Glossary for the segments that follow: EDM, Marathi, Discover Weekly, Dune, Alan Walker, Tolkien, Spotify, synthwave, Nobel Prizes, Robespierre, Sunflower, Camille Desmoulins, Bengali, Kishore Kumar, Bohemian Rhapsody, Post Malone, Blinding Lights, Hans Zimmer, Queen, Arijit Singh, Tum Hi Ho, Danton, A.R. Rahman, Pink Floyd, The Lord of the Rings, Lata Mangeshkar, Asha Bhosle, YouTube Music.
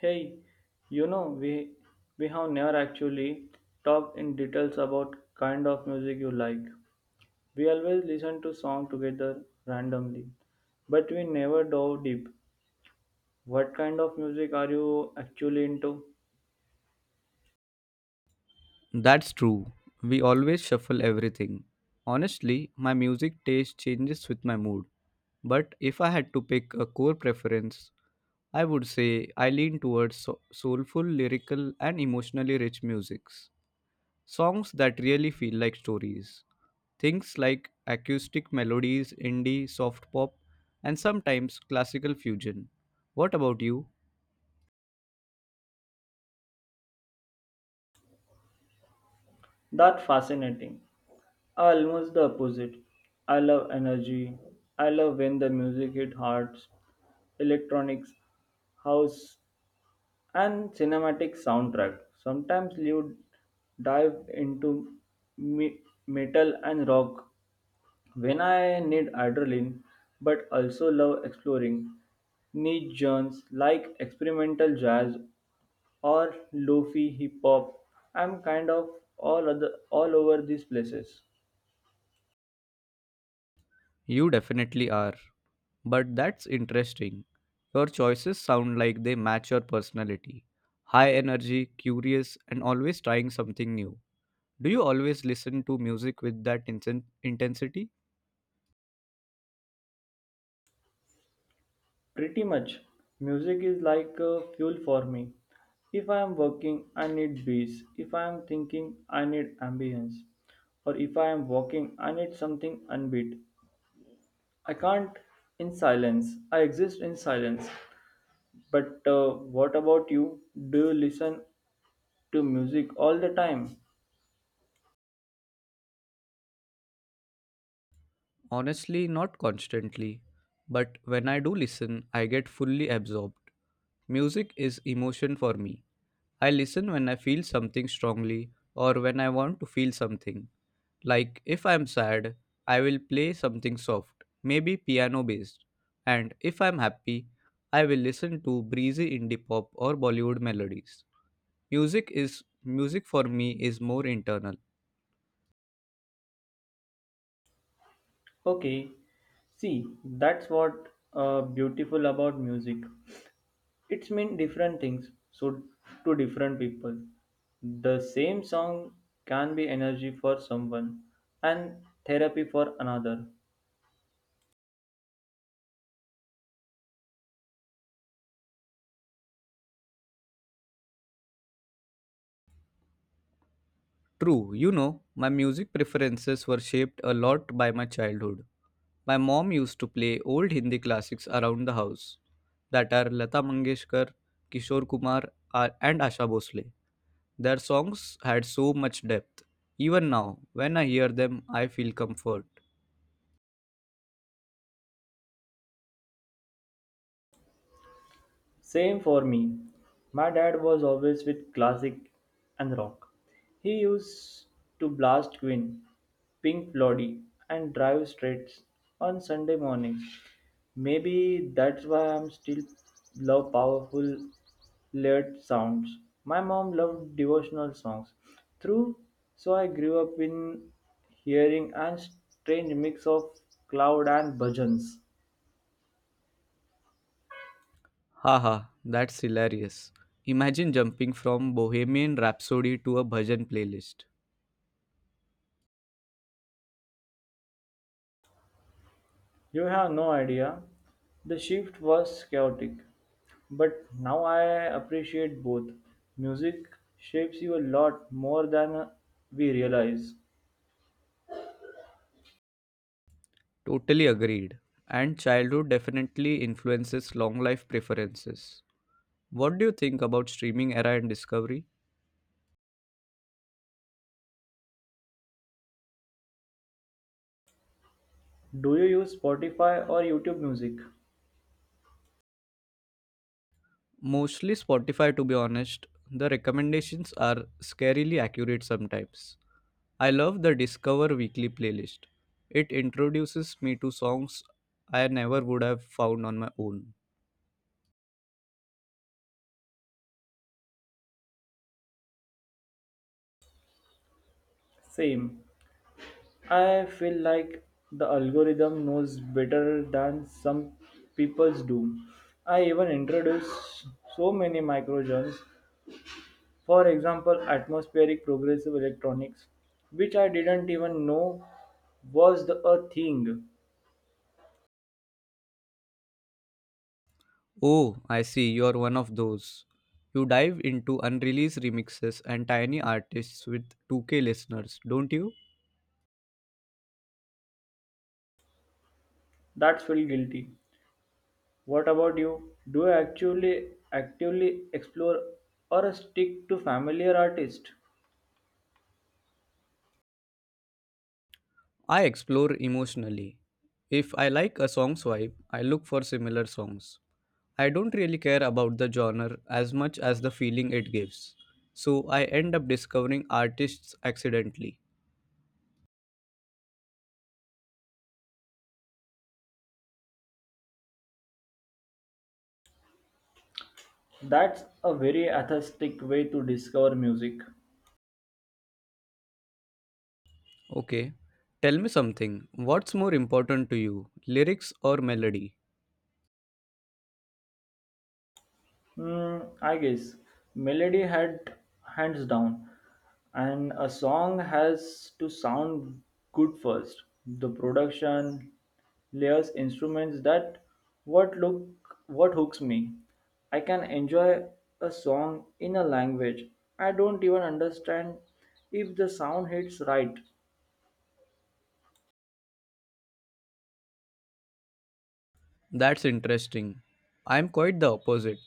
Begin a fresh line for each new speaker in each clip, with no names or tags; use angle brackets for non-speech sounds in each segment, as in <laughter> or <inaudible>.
Hey, you know, we have never actually talked in details about kind of music you like. We always listen to song together randomly, but we never dove deep. What kind of music are you actually into?
That's true. We always shuffle everything. Honestly, my music taste changes with my mood. But if I had to pick a core preference, I would say I lean towards soulful, lyrical, and emotionally rich musics. Songs that really feel like stories. Things like acoustic melodies, indie, soft pop, and sometimes classical fusion. What about you?
That's fascinating. Almost the opposite. I love energy. I love when the music hit hearts, electronics, house, and cinematic soundtrack. Sometimes you dive into me- metal and rock when I need adrenaline, but also love exploring niche genres like experimental jazz or lofi hip hop. I'm kind of all over these places.
You definitely are. But that's interesting. Your choices sound like they match your personality. High energy, curious, and always trying something new. Do you always listen to music with that intensity?
Pretty much. Music is like fuel for me. If I am working, I need beats. If I am thinking, I need ambience. Or if I am walking, I need something unbeat. I can't in silence. I exist in silence. But what about you? Do you listen to music all the time?
Honestly, not constantly, but when I do listen, I get fully absorbed. Music is emotion for me. I listen when I feel something strongly or when I want to feel something. Like if I'm sad, I will play something soft, maybe piano based. And if I'm happy, I will listen to breezy indie pop or Bollywood melodies. Music is music for me is more internal.
Okay, see, that's what beautiful about music. It's mean different things so to different people, the same song can be energy for someone and therapy for another.
True, you know, my music preferences were shaped a lot by my childhood. My mom used to play old Hindi classics around the house that are Lata Mangeshkar, Kishore Kumar, and Asha Bhosle. Their songs had so much depth. Even now, when I hear them, I feel comfort.
Same for me. My dad was always with classic and rock. He used to blast Queen, Pink Floyd, and drive straight on Sunday mornings. Maybe that's why I'm still love powerful layered sounds. My mom loved devotional songs through, so I grew up in hearing and strange mix of cloud and bhajans.
Haha, that's hilarious. Imagine jumping from Bohemian Rhapsody to a bhajan playlist.
You have no idea. The shift was chaotic, but now I appreciate both. Music shapes you a lot more than we realize.
Totally agreed. And childhood definitely influences long life preferences. What do you think about streaming era and discovery?
Do you use Spotify or YouTube music?
Mostly Spotify, to be honest. The recommendations are scarily accurate sometimes. I love the Discover Weekly playlist. It introduces me to songs I never would have found on my own.
Same. I feel like the algorithm knows better than some people's do. I even introduce so many micro genres. For example, atmospheric progressive electronics, which I didn't even know was a thing.
Oh, I see, you're one of those. You dive into unreleased remixes and tiny artists with 2K listeners, don't you?
That's feel guilty. What about you? Do you actually actively explore or stick to familiar artists?
I explore emotionally. If I like a song's vibe, I look for similar songs. I don't really care about the genre as much as the feeling it gives. So I end up discovering artists accidentally.
That's a very atheistic way to discover music.
Okay, tell me something. What's more important to you, lyrics or melody?
Hmm, I guess melody had hands down, and a song has to sound good first. The production layers instruments that what hooks me. I can enjoy a song in a language I don't even understand if the sound hits right.
That's interesting. I'm quite the opposite.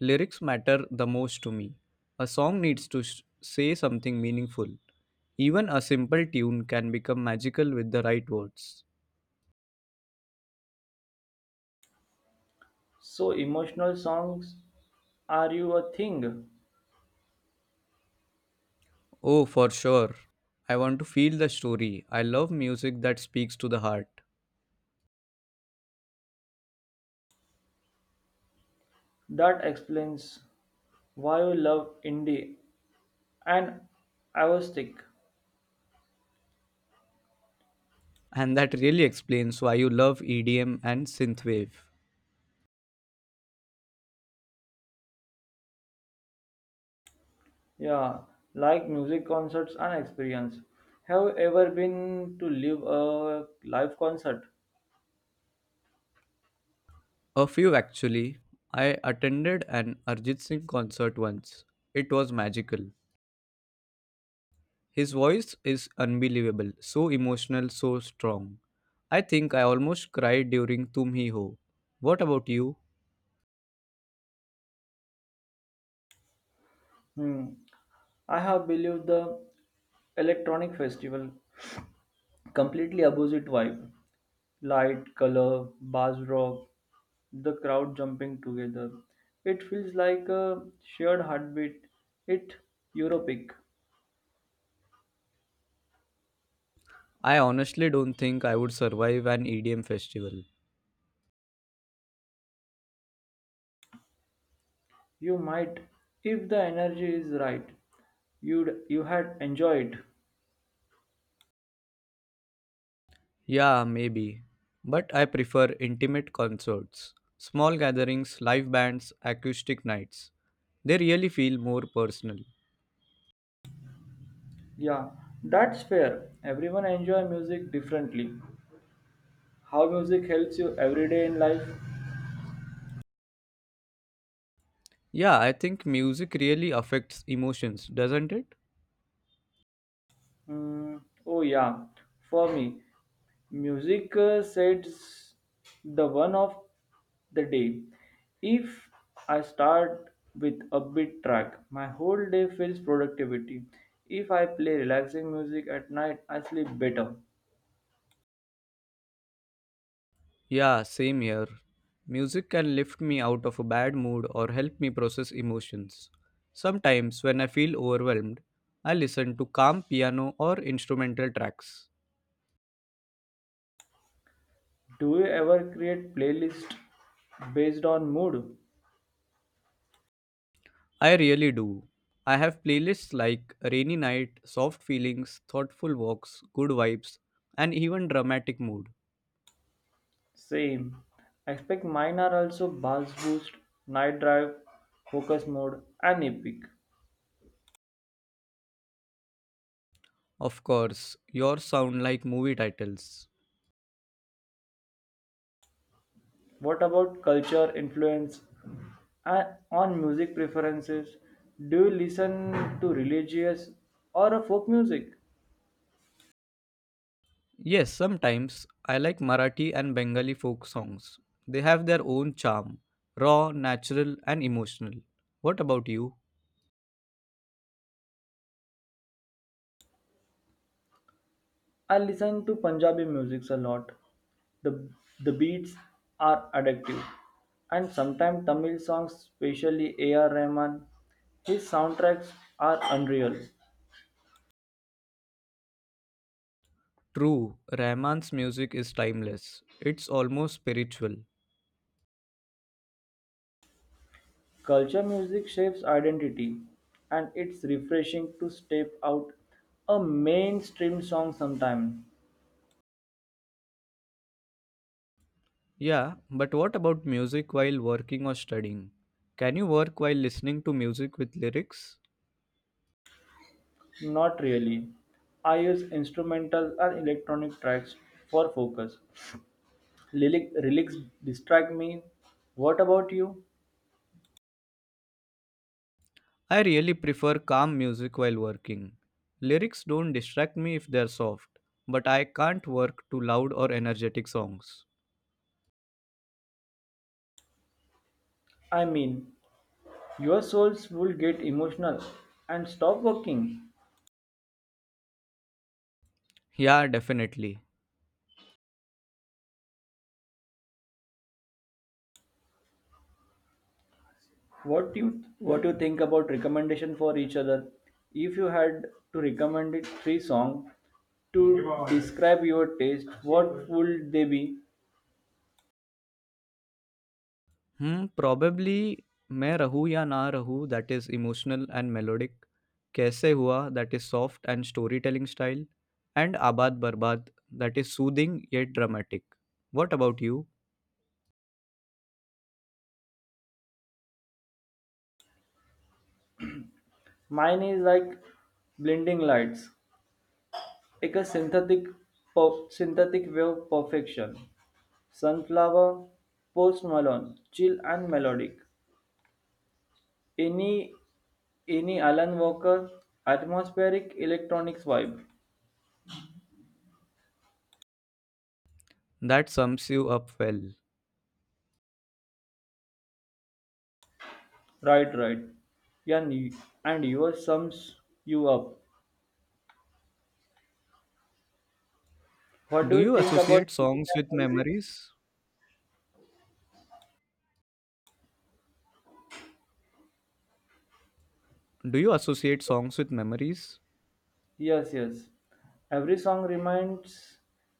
Lyrics matter the most to me. A song needs to s say something meaningful. Even a simple tune can become magical with the right words.
So emotional songs are you a thing
Oh, for sure. I want to feel the story. I love music that speaks to the heart.
that explains why you love indie and I was sick.
And that really explains why you love EDM and synthwave.
Yeah, like music concerts and experience. Have you ever been to live a live concert?
A few actually. I attended an Arjit Singh concert once. It was magical. His voice is unbelievable, so emotional, so strong. I think I almost cried during Tum Hi Ho. What about you?
Hmm. I have believed the electronic festival completely opposite vibe. Light, color, bass rock, the crowd jumping together. It feels like a shared heartbeat. It Europic.
I honestly don't think I would survive an EDM festival.
You might, if the energy is right, you had enjoyed.
Yeah, maybe. But I prefer intimate concerts, small gatherings, live bands, acoustic nights. They really feel more personal.
Yeah, that's fair. Everyone enjoy music differently. How music helps you every day in life?
Yeah, I think music really affects emotions, doesn't it?
Hmm. Oh yeah, for me, music sets the one of the day. If I start with upbeat track, my whole day feels productivity. If I play relaxing music at night, I sleep better.
Yeah, same here. Music can lift me out of a bad mood or help me process emotions. Sometimes, when I feel overwhelmed, I listen to calm piano or instrumental tracks.
Do you ever create playlist based on mood?
I really do. I have playlists like Rainy Night, Soft Feelings, Thoughtful Walks, Good Vibes, and even Dramatic Mood.
Same. I expect mine are also Bass Boost, Night Drive, Focus Mode, and Epic.
Of course, yours sound like movie titles.
What about culture, influence, and on music preferences? Do you listen to religious or a folk music?
Yes, sometimes I like Marathi and Bengali folk songs. They have their own charm, raw, natural, and emotional. What about you?
I listen to Punjabi music a lot. The, the beats are addictive. And sometimes Tamil songs, especially A.R. Rahman, his soundtracks are unreal.
True, Rahman's music is timeless. It's almost spiritual.
Culture music shapes identity, and it's refreshing to step out a mainstream song sometimes.
Yeah, but what about music while working or studying? Can you work while listening to music with lyrics?
Not really. I use instrumental or electronic tracks for focus. Lyrics distract me. What about you?
I really prefer calm music while working. Lyrics don't distract me if they're soft, but I can't work to loud or energetic songs.
I mean, your souls will get emotional and stop working.
Yeah, definitely.
What you think about recommendation for each other? If you had to recommend it three song to describe your taste, what would they be?
Hmm, probably मैं रहूँ या ना रहूँ that is emotional and melodic. कैसे हुआ that is soft and storytelling style. And आबाद बर्बाद that is soothing yet dramatic. What about you?
Mine is like blinding lights, like a synthetic wave perfection. Sunflower, Post Malone, chill and melodic. Any, any Alan Walker, atmospheric electronics vibe.
That sums you up well.
Right, right. Yeah, and yours sums you up. What
Do
do you
you
think about
associate
music
songs
and
with
memories?
memories? Do you associate songs with memories?
Yes, yes. Every song reminds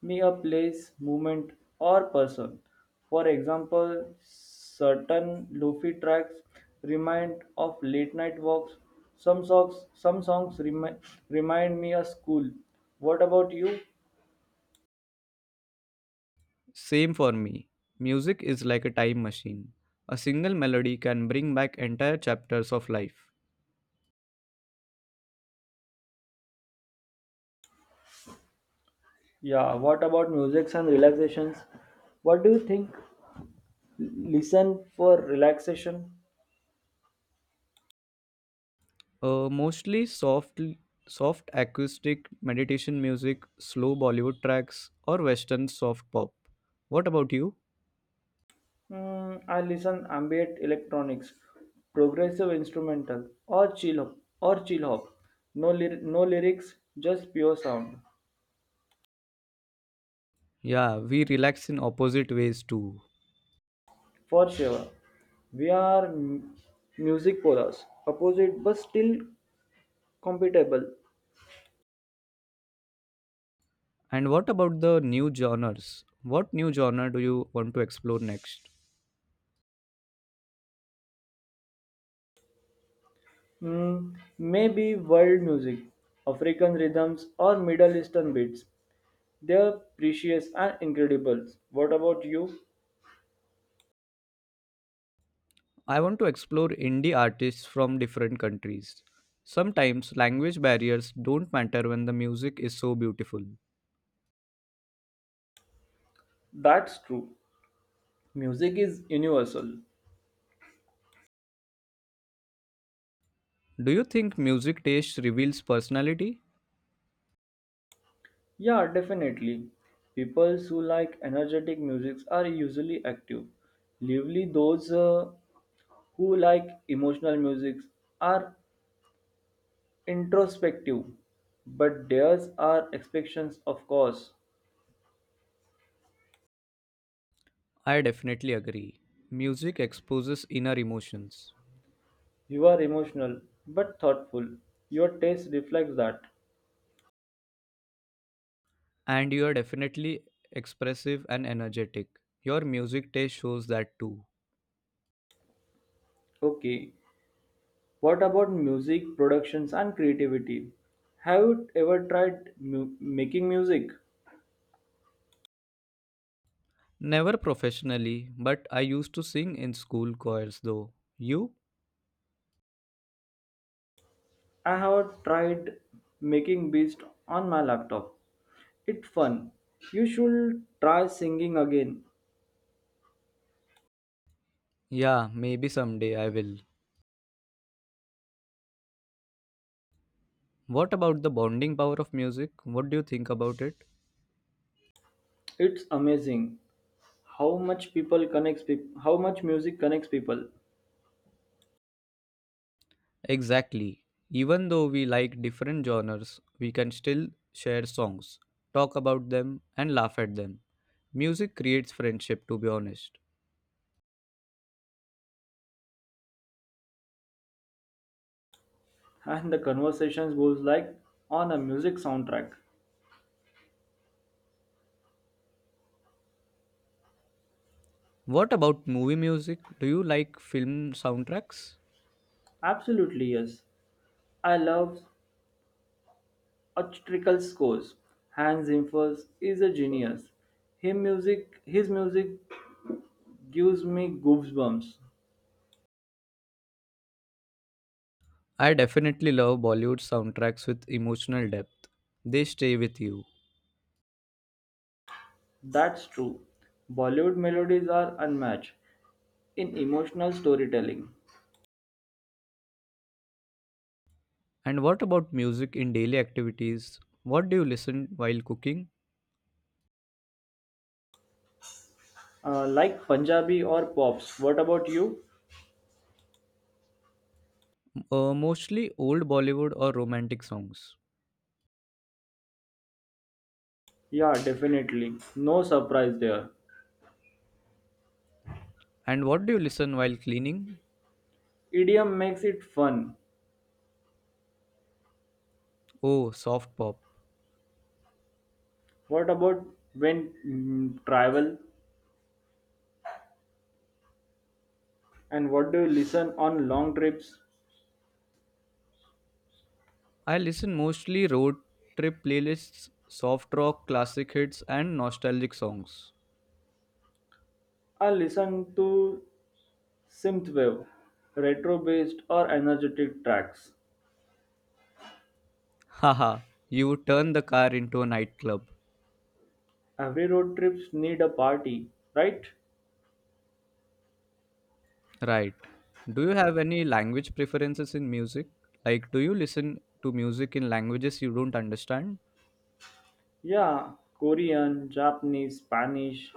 me a place, moment, or person. For example, certain lofi tracks remind of late night walks. Some songs remind me of school. What about you?
Same for me. Music is like a time machine. A single melody can bring back entire chapters of life.
Yeah. What about musics and relaxations? What do you think? Listen for relaxation.
Mostly soft acoustic meditation music, slow Bollywood tracks, or Western soft pop. What about you?
Mm, I listen ambient electronics, progressive instrumental, or chill hop. No lyrics, just pure sound.
Yeah, we relax in opposite ways too.
For sure, we are music polars, opposite but still compatible.
And what about the new genres? What new genre do you want to explore next?
Mm, maybe world music, African rhythms, or Middle Eastern beats. They are precious and incredible. What about you?
I want to explore indie artists from different countries. Sometimes language barriers don't matter when the music is so beautiful.
That's true. Music is universal.
Do you think music taste reveals personality?
Yeah, definitely. People who like energetic music are usually active. Lively those who like emotional music are introspective. But theirs are expectations, of course.
I definitely agree. Music exposes inner emotions.
You are emotional but thoughtful. Your taste reflects that.
And you are definitely expressive and energetic. Your music taste shows that too.
Okay, what about music productions and creativity? Have you ever tried making music?
Never professionally, but I used to sing in school choirs though. You?
I have tried making beats on my laptop. It's fun. You should try singing again.
Yeah, maybe someday I will. What about the bonding power of music? What do you think about it?
It's amazing how much music connects people.
Exactly. Even though we like different genres, we can still share songs, talk about them, and laugh at them. Music creates friendship, to be honest.
<laughs> And the conversations goes like on a music soundtrack.
What about movie music? Do you like film soundtracks?
Absolutely yes. I love orchestral scores. Hans Zimmer is a genius. His music gives me goosebumps.
I definitely love Bollywood soundtracks with emotional depth. They stay with you.
That's true. Bollywood melodies are unmatched in emotional storytelling.
And what about music in daily activities? What do you listen while cooking?
Like Punjabi or Pops. What about you?
Mostly old Bollywood or romantic songs.
Yeah, definitely. No surprise there.
And what do you listen while cleaning?
Idiom makes it fun.
Oh, soft pop.
What about when travel? And what do you listen on long trips?
I listen mostly road trip playlists, soft rock, classic hits, and nostalgic songs.
I listen to synthwave, retro-based or energetic tracks.
Haha, you would turn the car into a nightclub.
Every road trips need a party, right?
Right. Do you have any language preferences in music? Like, do you listen to music in languages you don't understand?
Yeah, Korean, Japanese, Spanish,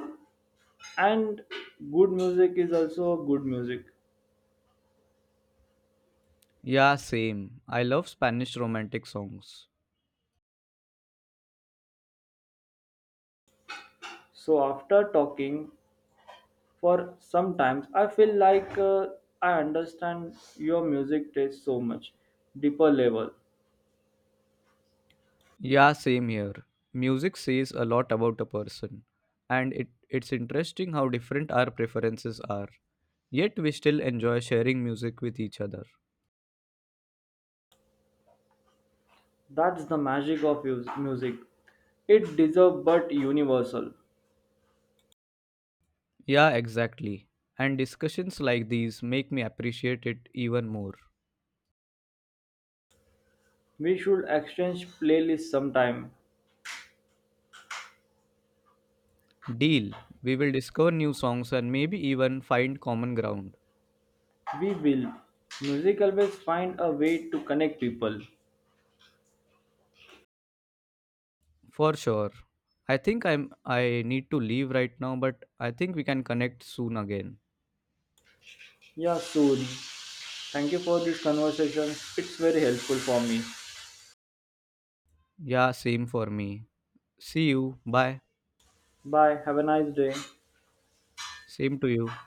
and good music is also good music.
Yeah, same. I love Spanish romantic songs.
So after talking For sometimes I feel like I understand your music taste so much deeper level.
Yeah, same here. Music says a lot about a person, and it's interesting how different our preferences are. Yet we still enjoy sharing music with each other.
That's the magic of music. It deserves but universal.
Yeah, exactly. And discussions like these make me appreciate it even more.
We should exchange playlists sometime.
Deal. We will discover new songs and maybe even find common ground.
We will. Music always find a way to connect people.
For sure. I think I need to leave right now, but I think we can connect soon again.
Yeah, soon. Thank you for this conversation. It's very helpful for me.
Yeah, same for me. See you. Bye.
Bye. Have a nice day.
Same to you.